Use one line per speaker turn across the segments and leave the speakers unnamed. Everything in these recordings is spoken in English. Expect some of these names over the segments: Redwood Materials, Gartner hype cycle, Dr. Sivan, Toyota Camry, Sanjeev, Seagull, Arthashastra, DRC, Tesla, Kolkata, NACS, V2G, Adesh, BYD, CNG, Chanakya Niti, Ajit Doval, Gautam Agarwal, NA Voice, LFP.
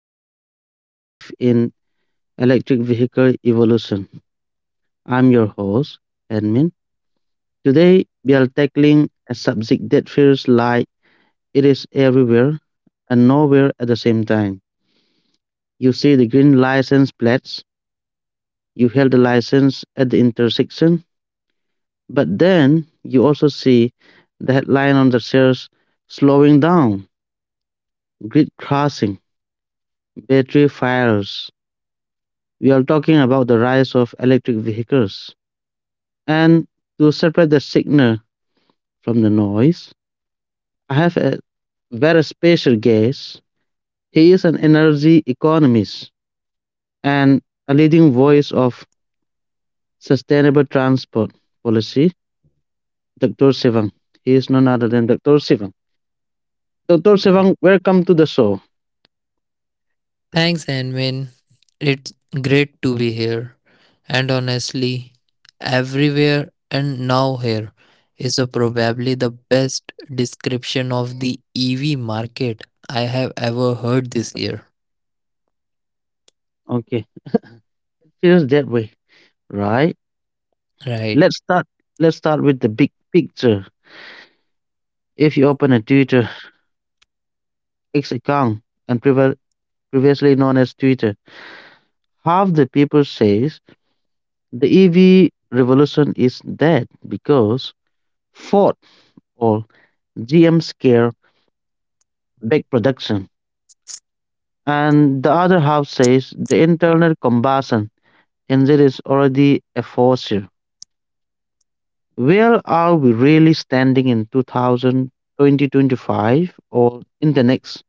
of the future shift in electric vehicle evolution. I'm your host, Admin. Today we are tackling a subject that feels like it is everywhere and nowhere at the same time. You see the green license plates, you held the license at the intersection, but then you also see the headline on the shares slowing down, grid crashing, battery fires. We are talking about the rise of electric vehicles. And to separate the signal from the noise, I have a very special guest. He is an energy economist and a leading voice of sustainable transport policy, Dr. Sivan. He is none other than Dr. Sivan. Dr. Sivan, welcome to the show.
Thanks, Anwin. It's great to be here. And honestly, everywhere and now here is a probably the best description of the EV market I have ever heard this year.
Okay, feels that way, right?
Right.
Let's start. Let's start with the big picture. If you open a Twitter X account and previously known as Twitter. Half the people says the EV revolution is dead because Ford or GM scare big production. And the other half says the internal combustion engine is already a fossil. Where are we really standing in 2000 2025 or in the next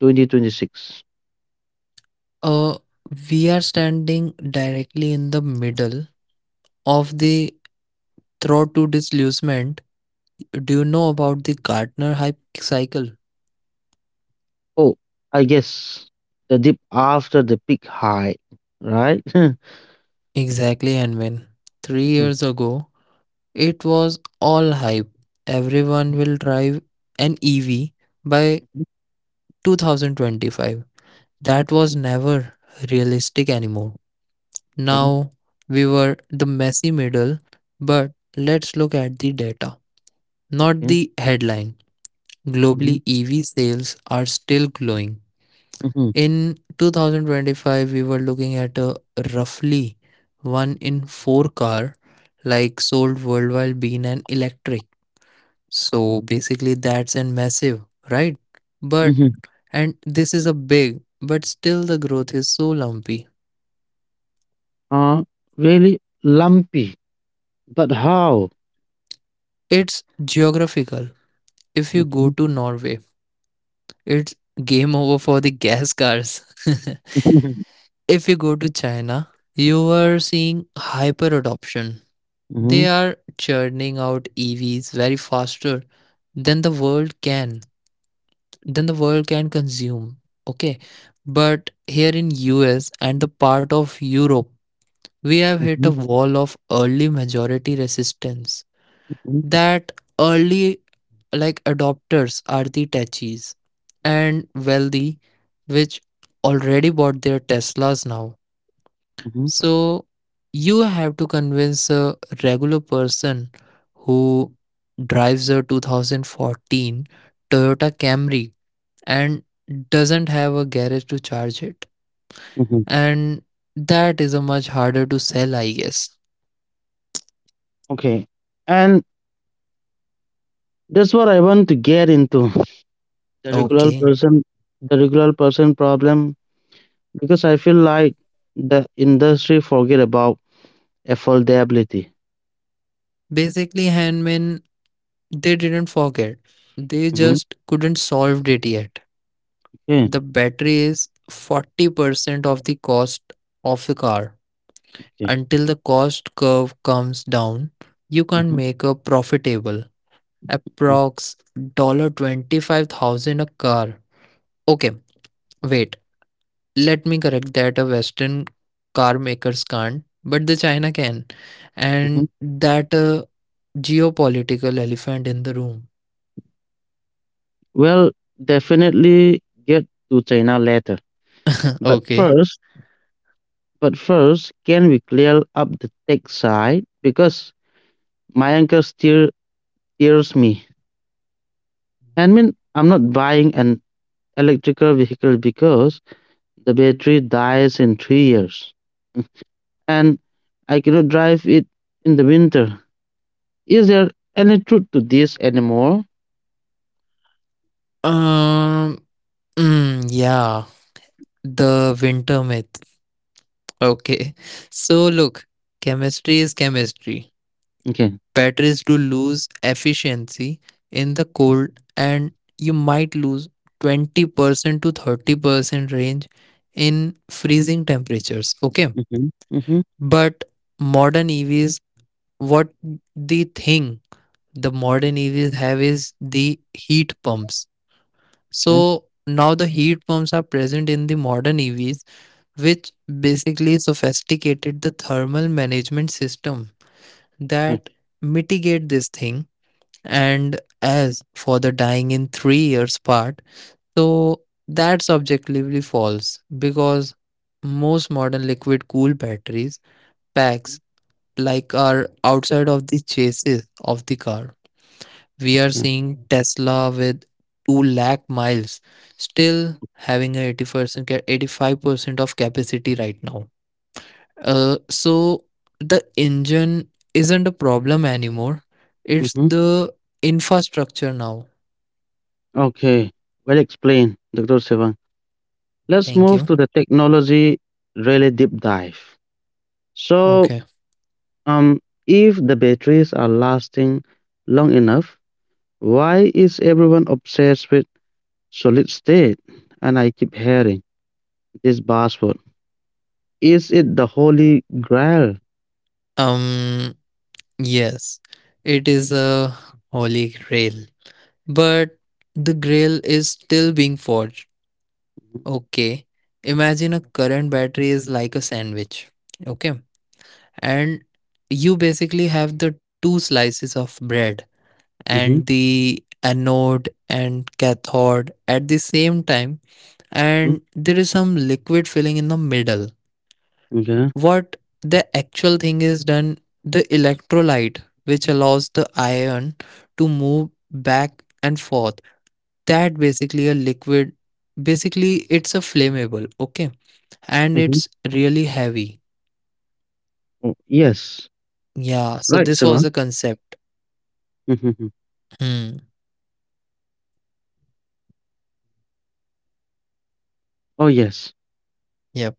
2026?
Uh, we are standing directly in the middle of the throw to displacement. Do you know about the Gartner hype cycle?
Oh, I guess the dip after the peak high, right?
Exactly, and when 3 years ago, it was all hype. Everyone will drive an EV by 2025. That was never realistic anymore.
Okay,
Now we were the messy middle, but let's look at the data, not
okay.
the headline.
Mhm,
Globally, EV sales are still growing.
mhm,
In 2025, we were looking at a roughly one in four car like sold worldwide being an electric. So basically, that's an massive, right? But
mhm.
and this is a big, but still the growth is so lumpy.
Uh, Really lumpy. But how?
It's geographical. If you
Mhm,
go to Norway, it's game over for the gas cars.
mhm,
If you go to China, you are seeing hyper adoption.
mhm,
They are churning out EVs very faster than the world can than the world can consume. Okay. But here in US and the part of Europe, we have hit
mhm,
a wall of early majority resistance.
mhm,
That early like adopters are the techies and wealthy which already bought their Teslas now.
mhm,
So you have to convince a regular person who drives a 2014 Toyota Camry and doesn't have a garage to charge it.
mhm.
And that is a much harder to sell, I guess.
Okay. And that's what I want to get into the regular
Okay.
person, the regular person problem, because I feel like the industry forget about affordability.
Basically, handmen, they didn't forget. They
Mhm.
just couldn't solve it yet.
Okay,
The battery is 40% of the cost of a car.
okay.
Until the cost curve comes down, you
Mhm,
can make a profitable
mhm,
approx $25,000 a car. Okay, wait. Let me correct that a western car makers can't, but the China can.
mhm.
And that a geopolitical elephant in the room.
Well, definitely get to China later. But
Okay.
first, But first, can we clear up the tech side? Because my uncle still tears me. I mean, I'm not buying an electrical vehicle because the battery dies in 3 years and I cannot drive it in the winter. Is there any truth to this anymore?
Um yeah, the winter myth. Okay. So look, chemistry is chemistry.
Okay.
Batteries to lose efficiency in the cold, and you might lose 20% to 30% range in freezing temperatures, okay?
Mm-hmm. Mm-hmm.
But modern EVs, what the thing the modern EVs have is the heat pumps.
Yeah.
So now the heat pumps are present in the modern EVs, which basically sophisticated the thermal management system
Okay.
that mitigate this thing. And as for the dying in 3 years part, so that's objectively false because most modern liquid cool batteries packs like are outside of the chassis of the car. We are
Yeah.
seeing Tesla with 2 lakh miles still having a 80% 85% of capacity right now, so the engine isn't a problem anymore. It's
Mm-hmm.
the infrastructure now.
Okay. Well explained, Dr. Sevang. Let's
Thank
move to
you.
the technology really deep dive. So,
Okay.
Um, if the batteries are lasting long enough, why is everyone obsessed with solid state? And I keep hearing this buzzword. Is it the holy grail?
Um, yes, it is a holy grail, but the grail is still being forged. Okay. Imagine a current battery is like a sandwich. Okay. And you basically have the two slices of bread
Mm-hmm.
and the anode and cathode at the same time,
Mm-hmm.
and there is some liquid filling in the middle.
Okay.
What the actual thing is done, the electrolyte, which allows the iron to move back and forth, that basically a liquid. Basically it's a flammable, okay, and
Mm-hmm.
it's really heavy.
Oh, yes.
Yeah, so
Right,
this
Sivan.
was a concept.
Mm-hmm.
Hmm.
Oh, yes.
Yep.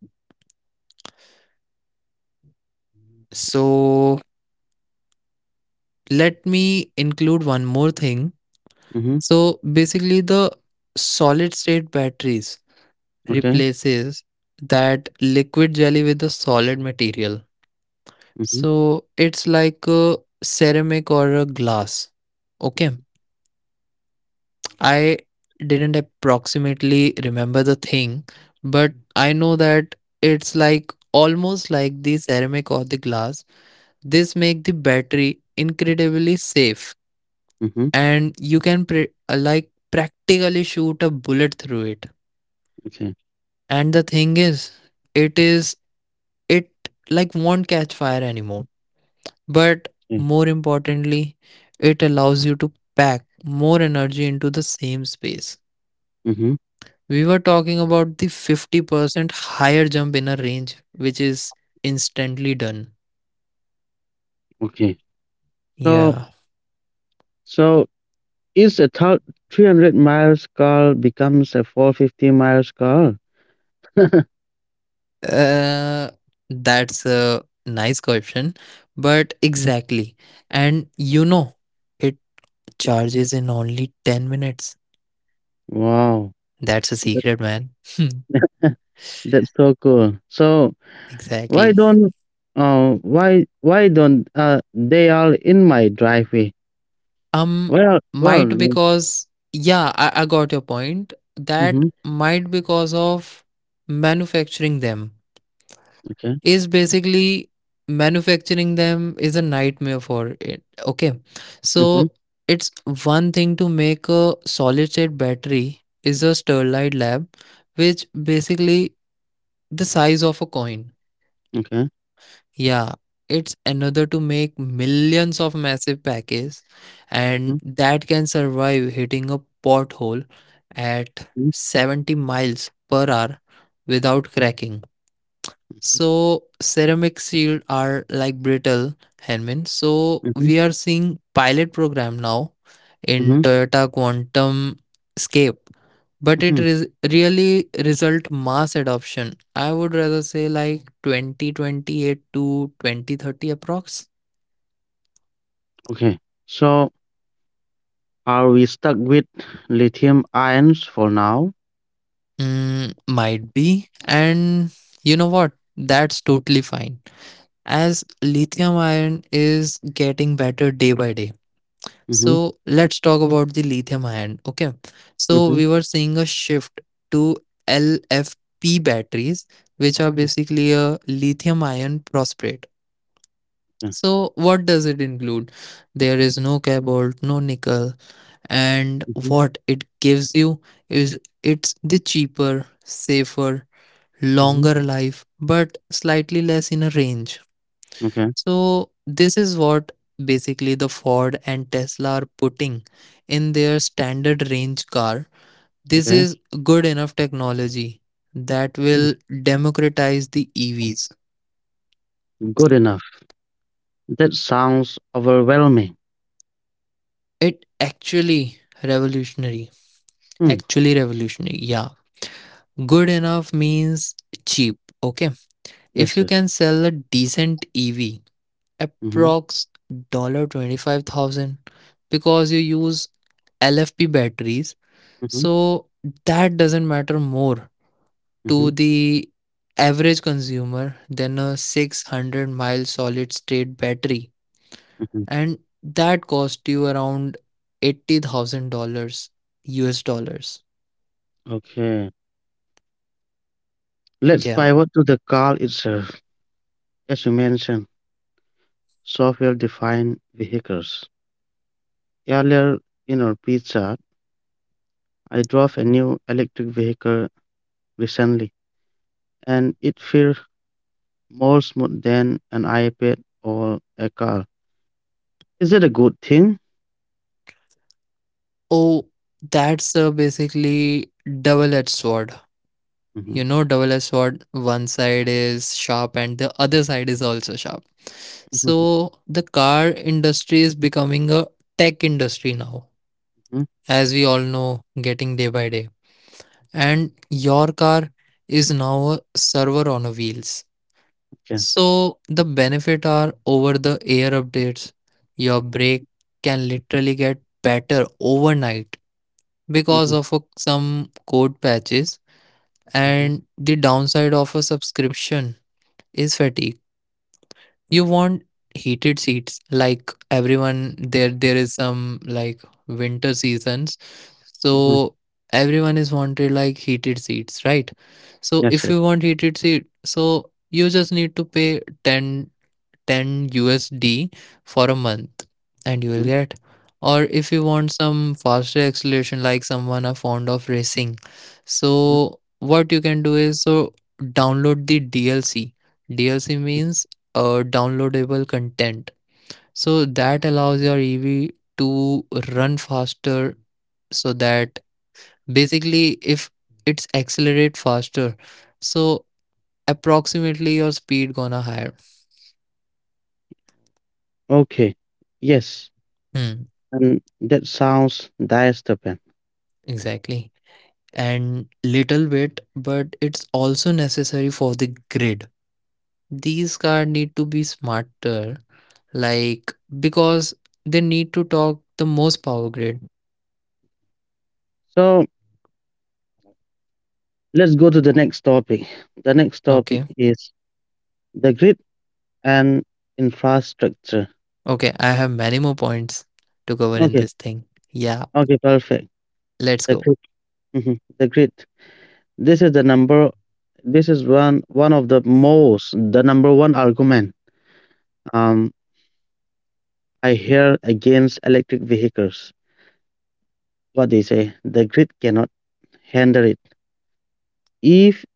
So let me include one more thing.
Mm-hmm.
So basically, the solid state batteries
Okay.
replaces that liquid jelly with the solid material.
Mm-hmm.
So it's like a ceramic or a glass. Okay. I didn't approximately remember the thing, but I know that it's like almost like the ceramic or the glass. This make the battery incredibly safe,
Mm-hmm.
and you can like practically shoot a bullet through it.
Okay.
And the thing is, it is it like won't catch fire anymore. But
Yeah.
more importantly, it allows you to pack more energy into the same space.
Mm-hmm.
We were talking about the 50% higher jump in a range, which is instantly done.
Okay. So,
Yeah.
so, is a 300 miles car becomes a 450 miles car?
Uh, that's a nice question, but exactly. And it charges in only 10 minutes.
Wow.
That's a secret, man.
That's so cool. So why
Exactly.
don't why don't they all in my driveway?
Um,
Well,
might because, yeah, I got your point.
mm-hmm,
That might because of manufacturing them
okay,
is basically manufacturing them is a nightmare for it. Okay.
mm-hmm,
So it's one thing to make a solid state battery is a Sterlite lab, which basically the size of a coin.
okay,
Yeah, it's another to make millions of massive packets
mm-hmm,
and that can survive hitting a pothole at 70 miles per hour without cracking. So ceramic shield are like brittle handmade. So
mm-hmm,
we are seeing pilot program now
mm-hmm,
in Toyota Quantum Escape, but
mm-hmm.
it is really result mass adoption. I would rather say like 2028 to 2030 approx.
Okay. So are we stuck with lithium ions for now?
Mm, might be. And you know what? That's totally fine. As lithium ion is getting better day by day.
Mm-hmm,
So let's talk about the lithium ion. Okay. So
mm-hmm,
we were seeing a shift to LFP batteries, which are basically a lithium ion phosphate.
yeah,
So what does it include? There is no cobalt, no nickel, and
mm-hmm,
what it gives you is it's the cheaper, safer,
mm-hmm,
longer life, but slightly less in a range.
okay,
So this is what basically the Ford and Tesla are putting in their standard range car. This
okay,
is good enough technology that will democratize the EVs.
good enough. That sounds overwhelming.
It actually revolutionary.
Hmm,
Actually revolutionary. Yeah. Good enough means cheap. Okay.
yes,
If you
yes.
can sell a decent EV,
Mm-hmm,
approx dollar $25,000 because you use LFP batteries.
mm-hmm,
So that doesn't matter more
mm-hmm,
to the average consumer than a 600-mile solid state battery.
mm-hmm.
And that cost you around $80,000 US dollars. US dollars.
Okay. Let's
Yeah.
pivot to the car itself. As you mentioned, software defined vehicles. Earlier in our pitch chart, I drove a new electric vehicle recently, and it feels more smooth than an iPad or a car. Is it a good thing?
Oh, that's basically double-edged sword.
Mhm,
You know, double-edged sword, one side is sharp and the other side is also sharp.
mhm,
So the car industry is becoming a tech industry now,
mhm.
as we all know, getting day by day. And your car is now a server on a wheels.
Okay.
So the benefit are over the air updates. Your brake can literally get better overnight because
Mhm,
of some code patches.
mhm,
And the downside of a subscription is fatigue. You want heated seats like everyone, there is some like winter seasons,
mhm.
so everyone is wanted like heated seats, right? So
Yes,
if
yes.
you want heated seat, so you just need to pay 10 10 USD for a month and you will
Mhm,
get. Or if you want some faster acceleration, like someone are fond of racing,
mhm.
so what you can do is, so download the DLC. DLC means downloadable content, so that allows your EV to run faster. So that basically if it's accelerate faster, so approximately your speed gonna higher.
Okay. Yes.
Hmm,
And that sounds dystopian.
exactly, and little bit, but it's also necessary for the grid. These cars need to be smarter, like because they need to talk the most power grid.
So let's go to the next topic. The next topic
Okay,
is the grid and infrastructure.
okay, I have many more points to cover in
Okay,
this thing. Yeah,
okay, perfect.
let's
The
go.
grid, mhm, the grid. This is the number. This is one of the number one argument. Um, I hear against electric vehicles. What they say, the grid cannot handle it. If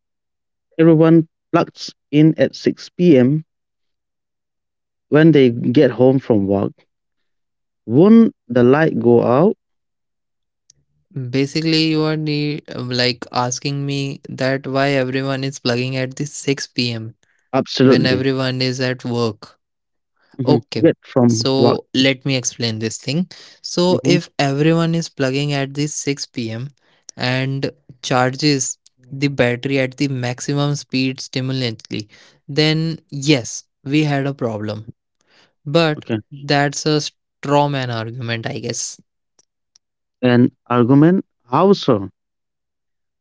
everyone plugs in at 6 p.m. when they get home from work, won't the light go out?
Basically, you are need, like asking me that why everyone is plugging at the 6 p.m. when
Absolutely.
everyone is at work.
Hmm.
Okay,
Get from work.
so let me explain this thing. So
Hmm.
if everyone is plugging at the 6 p.m. and charges the battery at the maximum speed stimulantly, then yes, we had a problem. But
Okay.
that's a straw man argument, I guess.
An argument. How so?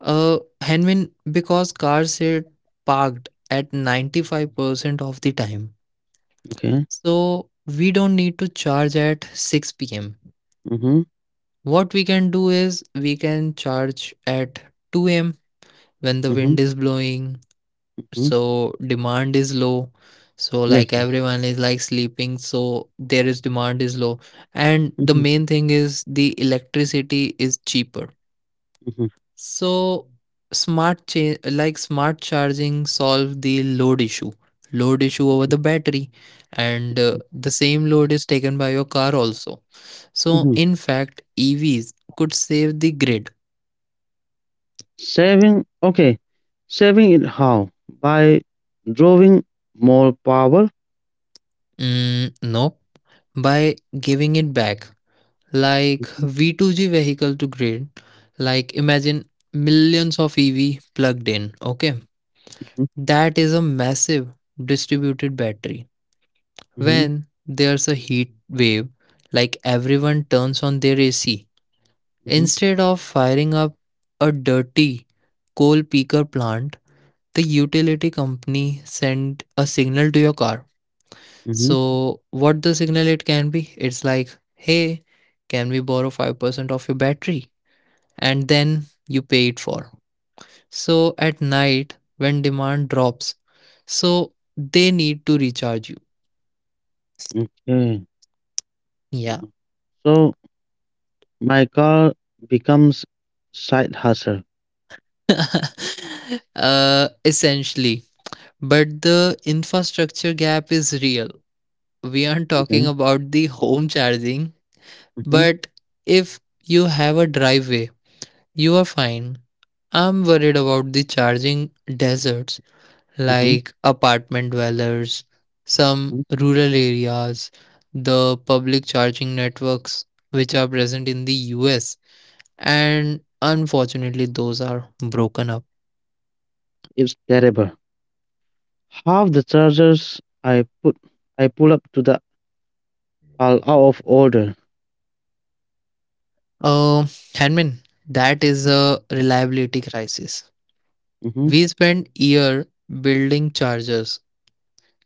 Henwin, because cars sit parked at 95% of the time,
Okay.
so we don't need to charge at 6 pm.
Mhm.
What we can do is we can charge at 2 a.m. when the
Mhm.
wind is blowing,
Mhm.
so demand is low. So
Yes.
like everyone is like sleeping, so there is demand is low. And the
Mhm.
main thing is the electricity is cheaper.
Mhm.
So smart like smart charging solve the load issue. Load issue over the battery, and the same load is taken by your car also. So
Mhm.
in fact EVs could save the grid.
Saving. Okay. Saving it how? By drawing more power.
Mm, nope. By giving it back, like V2G vehicle to grid, like imagine millions of EV plugged in, okay?
Mhm.
That is a massive distributed battery.
Mhm.
When there's a heat wave, like everyone turns on their AC.
Mhm.
Instead of firing up a dirty coal peaker plant, the utility company send a signal to your car.
Mhm.
So, what the signal it can be? It's like, hey, can we borrow 5% of your battery? And then you pay it for. So at night, when demand drops, so they need to recharge you.
Okay.
Yeah.
Mhm. So my car becomes side hustle.
Essentially. But the infrastructure gap is real. We aren't
Okay.
talking about the home charging,
Mm-hmm.
but if you have a driveway, you are fine. I'm worried about the charging deserts
Mm-hmm.
like apartment dwellers, some
Hmm.
rural areas, the public charging networks which are present in the US, and unfortunately, those are broken up.
It's terrible. Half the chargers put I pull up to the are out of order.
Uh, Hanmin, that is a reliability crisis.
Mm-hmm.
We spend year building chargers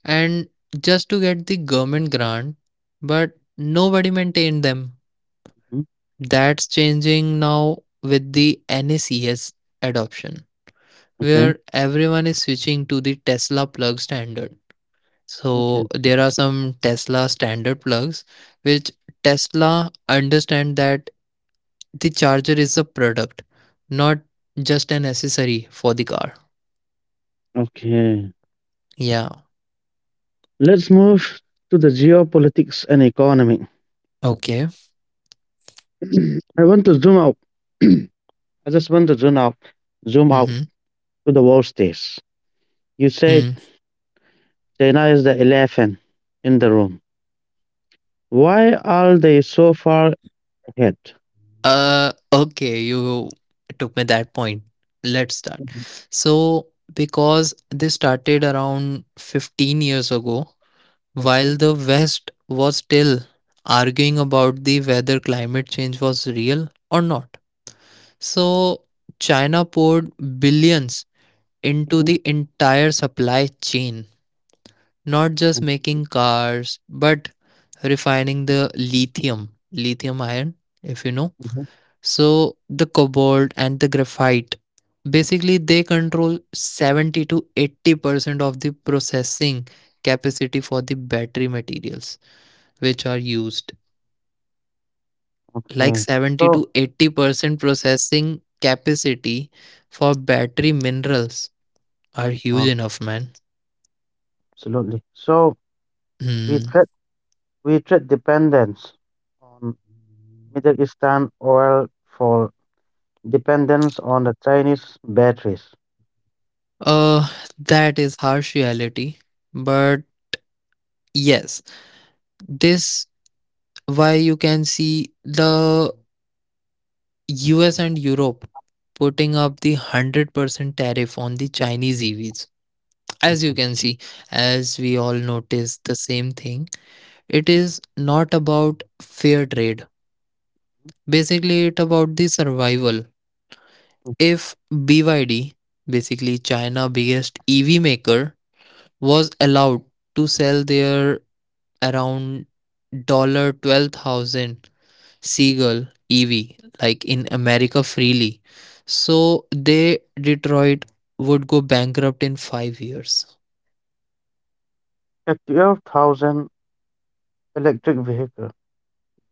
and just to get the government grant, but nobody maintained them.
Hmm.
That's changing now with the NACS adoption,
Okay.
where everyone is switching to the Tesla plug standard.
Okay.
So there are some Tesla standard plugs which Tesla understand that the charger is a product, not just an accessory for the car.
Okay.
Yeah.
Let's move to the geopolitics and economy.
Okay.
I want to zoom out. I just want to zoom out
Mm-hmm.
to the worst days. You said
Mm.
China is the elephant in the room. Why are they so far ahead?
Okay, you took me that point. Let's start.
Mhm.
So, because this started around 15 years ago,
Okay.
while the West was still arguing about the whether climate change was real or not. So, China poured billions into
Mhm.
the entire supply chain, not just
Mm,
making cars, but refining the lithium iron, if you know
mhm.
so the cobalt and the graphite, basically they control 70 to 80% of the processing capacity for the battery materials which are used. Like
Okay.
70
So,
to 80% processing capacity for battery minerals are huge
uh,
enough, man.
absolutely. So
Hmm.
we trade we trade dependence on Middle Eastern oil for dependence on the Chinese batteries.
Uh, that is harsh reality. But yes, this why you can see the US and Europe putting up the 100% tariff on the Chinese EVs. As you can see, as we all notice the same thing, it is not about fair trade. Basically, it about the survival. If BYD, basically China biggest EV maker, was allowed to sell their around dollar $12,000 Seagull, Evie, like in America freely. So they Detroit would go bankrupt in 5 years.
A 12,000 electric vehicle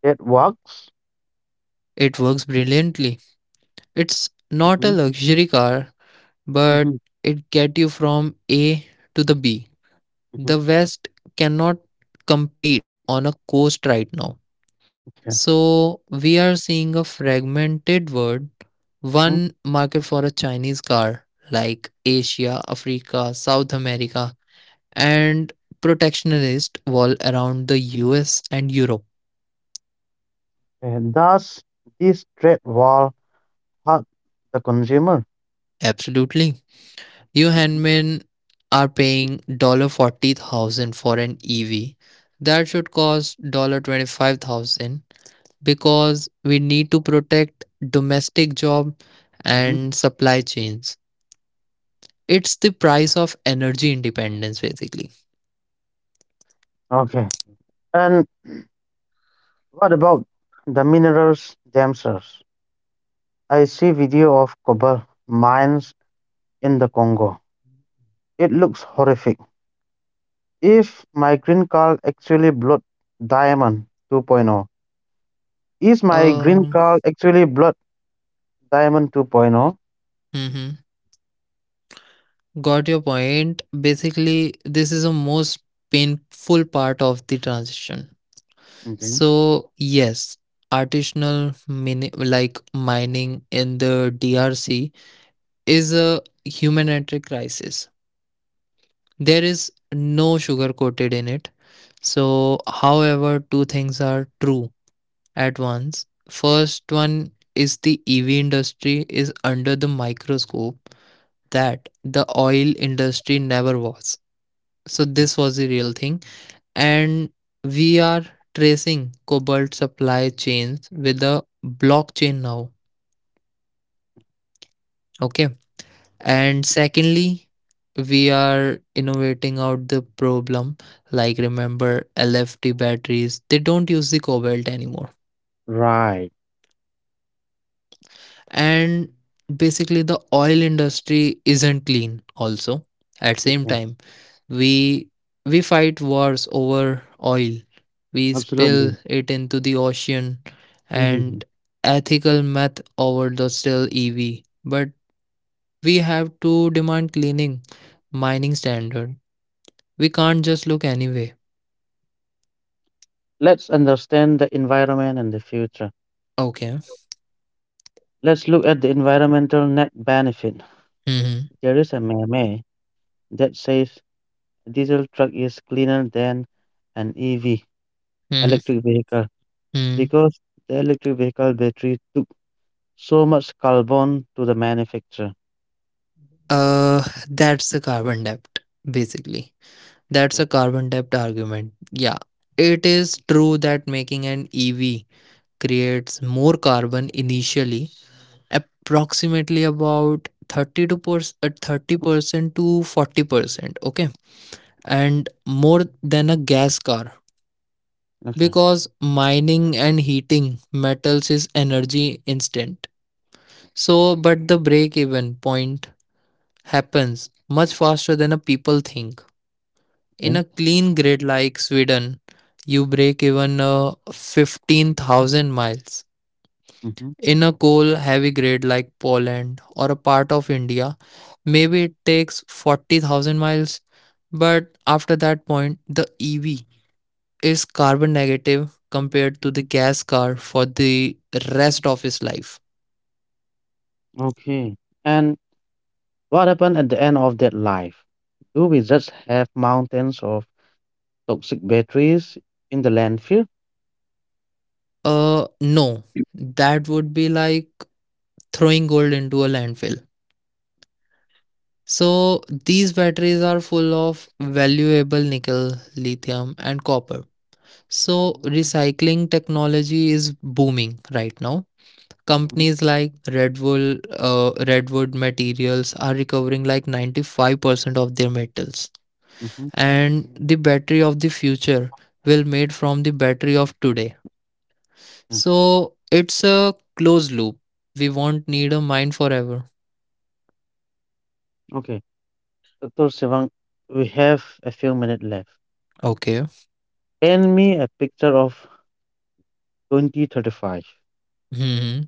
that works.
It works brilliantly. It's not a
Hmm.
luxury car, but
Hmm.
it get you from A to the B. The
Hmm.
West cannot compete on a coast right now.
Okay.
So we are seeing a fragmented world,
Mhm.
one market for a Chinese car like Asia, Africa, South America, and protectionist wall around the US and Europe.
And thus, this trade war hurt the consumer.
Absolutely. You handmen are paying $40,000 for an EV. That should cost $25,000 because we need to protect domestic job
Hmm.
and supply chains. It's the price of energy independence basically.
Okay. And what about the minerals themselves? I see video of copper mines in the Congo. It looks horrific. If my green card actually blood diamond 2.0. Is my green
Um,
card actually blood diamond 2.0?
mhm. Got your point. Basically, this is the most painful part of the transition.
Okay.
So, yes, artisanal like mining in the DRC is a humanitarian crisis. There is no sugar coated in it. So, however, two things are true at once. First one is the EV industry is under the microscope that the oil industry never was. So, this was the real thing. And we are tracing cobalt supply chains with a blockchain now. Okay. And secondly, we are innovating out the problem. Like, remember, LFT batteries, they don't use the cobalt anymore.
Right.
And basically, the oil industry isn't clean, also. At same
Okay.
time, we we fight wars over oil. We spill
Absolutely.
it into the ocean and
Mhm.
ethical meth over the still EV. But we have to demand cleaning mining standard. We can't just look anyway.
Let's understand the environment and the future.
Okay.
Let's look at the environmental net benefit. There
Mm-hmm.
is a meme that says a diesel truck is cleaner than an EV
Mm-hmm.
electric vehicle
Hmm.
because the electric vehicle battery took so much carbon to the manufacturer.
Uh, that's a carbon debt, basically. That's a carbon debt argument. Yeah. It is true that making an EV creates more carbon initially, approximately about 30 30% to 40%. Okay. And more than a gas car
Okay.
because mining and heating metals is energy instant. So, but the break even point happens much faster than a people think. In
Okay.
a clean grid like Sweden, you break even 15,000 miles.
Hmm.
In a coal heavy grid like Poland or a part of India, maybe it takes 40,000 miles. But after that point, the EV is carbon negative compared to the gas car for the rest of his life.
Okay. And what happened at the end of that life? Do we just have mountains of toxic batteries in the landfill?
No, that would be like throwing gold into a landfill. So these batteries are full of valuable nickel, lithium, and copper. So recycling technology is booming right now.
Mm-hmm.
Companies like Redwood Materials are recovering like 95% of their metals.
Mm-hmm.
And the battery of the future will made from the battery of today.
Yeah.
So it's a closed loop. We won't need a mine forever.
Okay. Dr. Sivang, we have a few minutes left.
Okay.
Paint me a picture of 2035.
Mhm.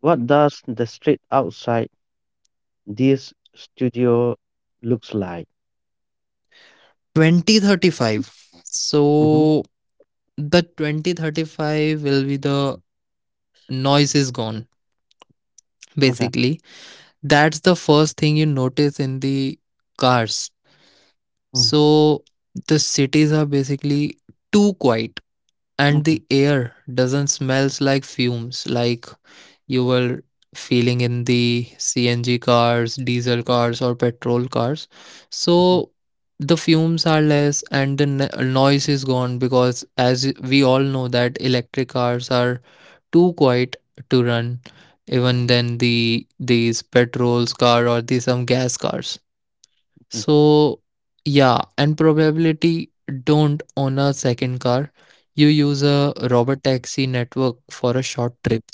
What does the street outside this studio looks like?
2035.
Mm-hmm.
So the 2035 will be the noise is gone
Okay.
basically. That's the first thing you notice in the cars.
Mm.
So the cities are basically too quiet and the
Okay.
air doesn't smells like fumes like you were feeling in the CNG cars, diesel cars, or petrol cars.
Mm-hmm.
So the fumes are less and the noise is gone because, as we all know, that electric cars are too quiet to run, even than these petrols car or the some gas cars.
Okay.
So, yeah, and probability don't own a second car. You use a robot taxi network for a short trips.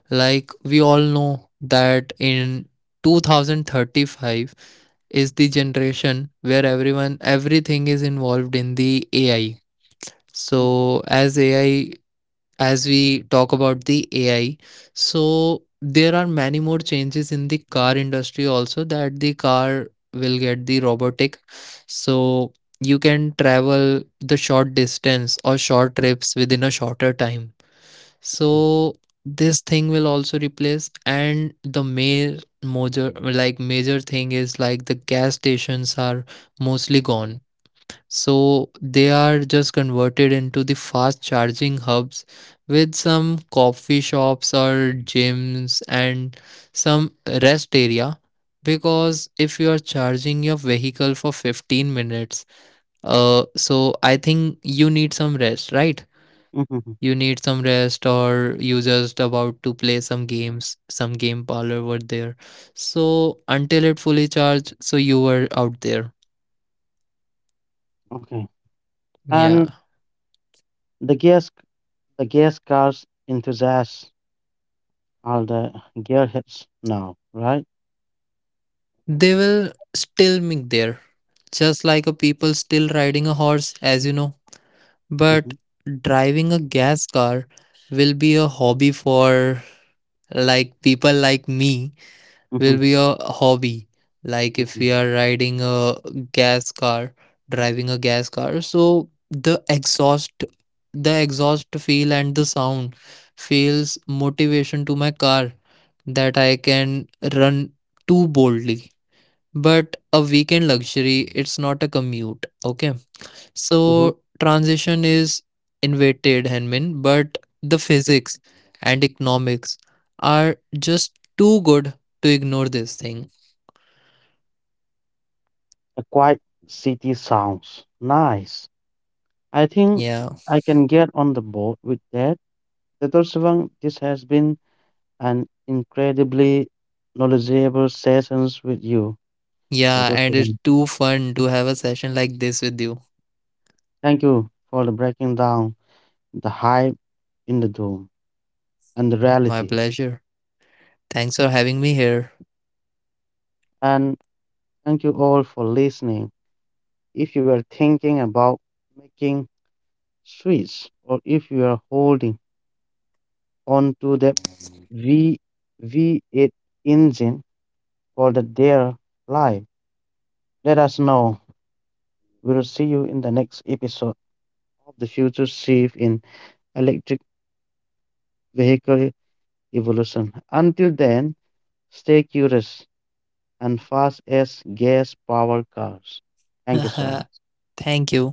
Like we all know that in 2035 is the generation where everyone everything is involved in the AI.
Mm-hmm.
So as we talk about the AI, so there are many more changes in the car industry also that the car will get the robotic. So you can travel the short distance or short trips within a shorter time. So this thing will also replace and the main major like major thing is like the gas stations are mostly gone, so they are just converted into the fast charging hubs with some coffee shops or gyms and some rest area. Because if you are charging your vehicle for 15 minutes, so I think you need some rest, right?
Mm-hmm, mm-hmm.
You need some rest, or you just about to play some games, some game parlor were there. So until it fully charged, so you were out there.
Okay. And
Yeah.
the gas the gas cars enthusiasts are the gearheads now, right?
They will still meet there, just like a people still riding a horse, as you know. But
Mm-hmm.
driving a gas car will be a hobby for like people like me, will be
Mm-hmm.
a hobby. Like if we
Mm-hmm.
are riding a gas car, driving a gas car, so the exhaust feel and the sound feels motivation to my car that I can run too boldly. But a weekend luxury, it's not a commute. Okay. So
Mm-hmm.
transition is invented, henmin, but the physics and economics are just too good to ignore this thing.
A quiet city sounds nice. I think
Yeah,
I can get on the board with that. Dr. Sivang, this has been an incredibly knowledgeable sessions with you,
yeah.
Dr.
And it's
Sivang.
too fun to have a session like this with you.
Thank you for the breaking down the hype in the dome and the
My
reality.
pleasure. Thanks for having me here.
And thank you all for listening. If you are thinking about making switch or if you are holding on to the V V8 engine for the their life, let us know. We'll see you in the next episode of the future shift in electric vehicle evolution. Until then, stay curious and fast as gas powered cars. Thank you so much.
Thank you.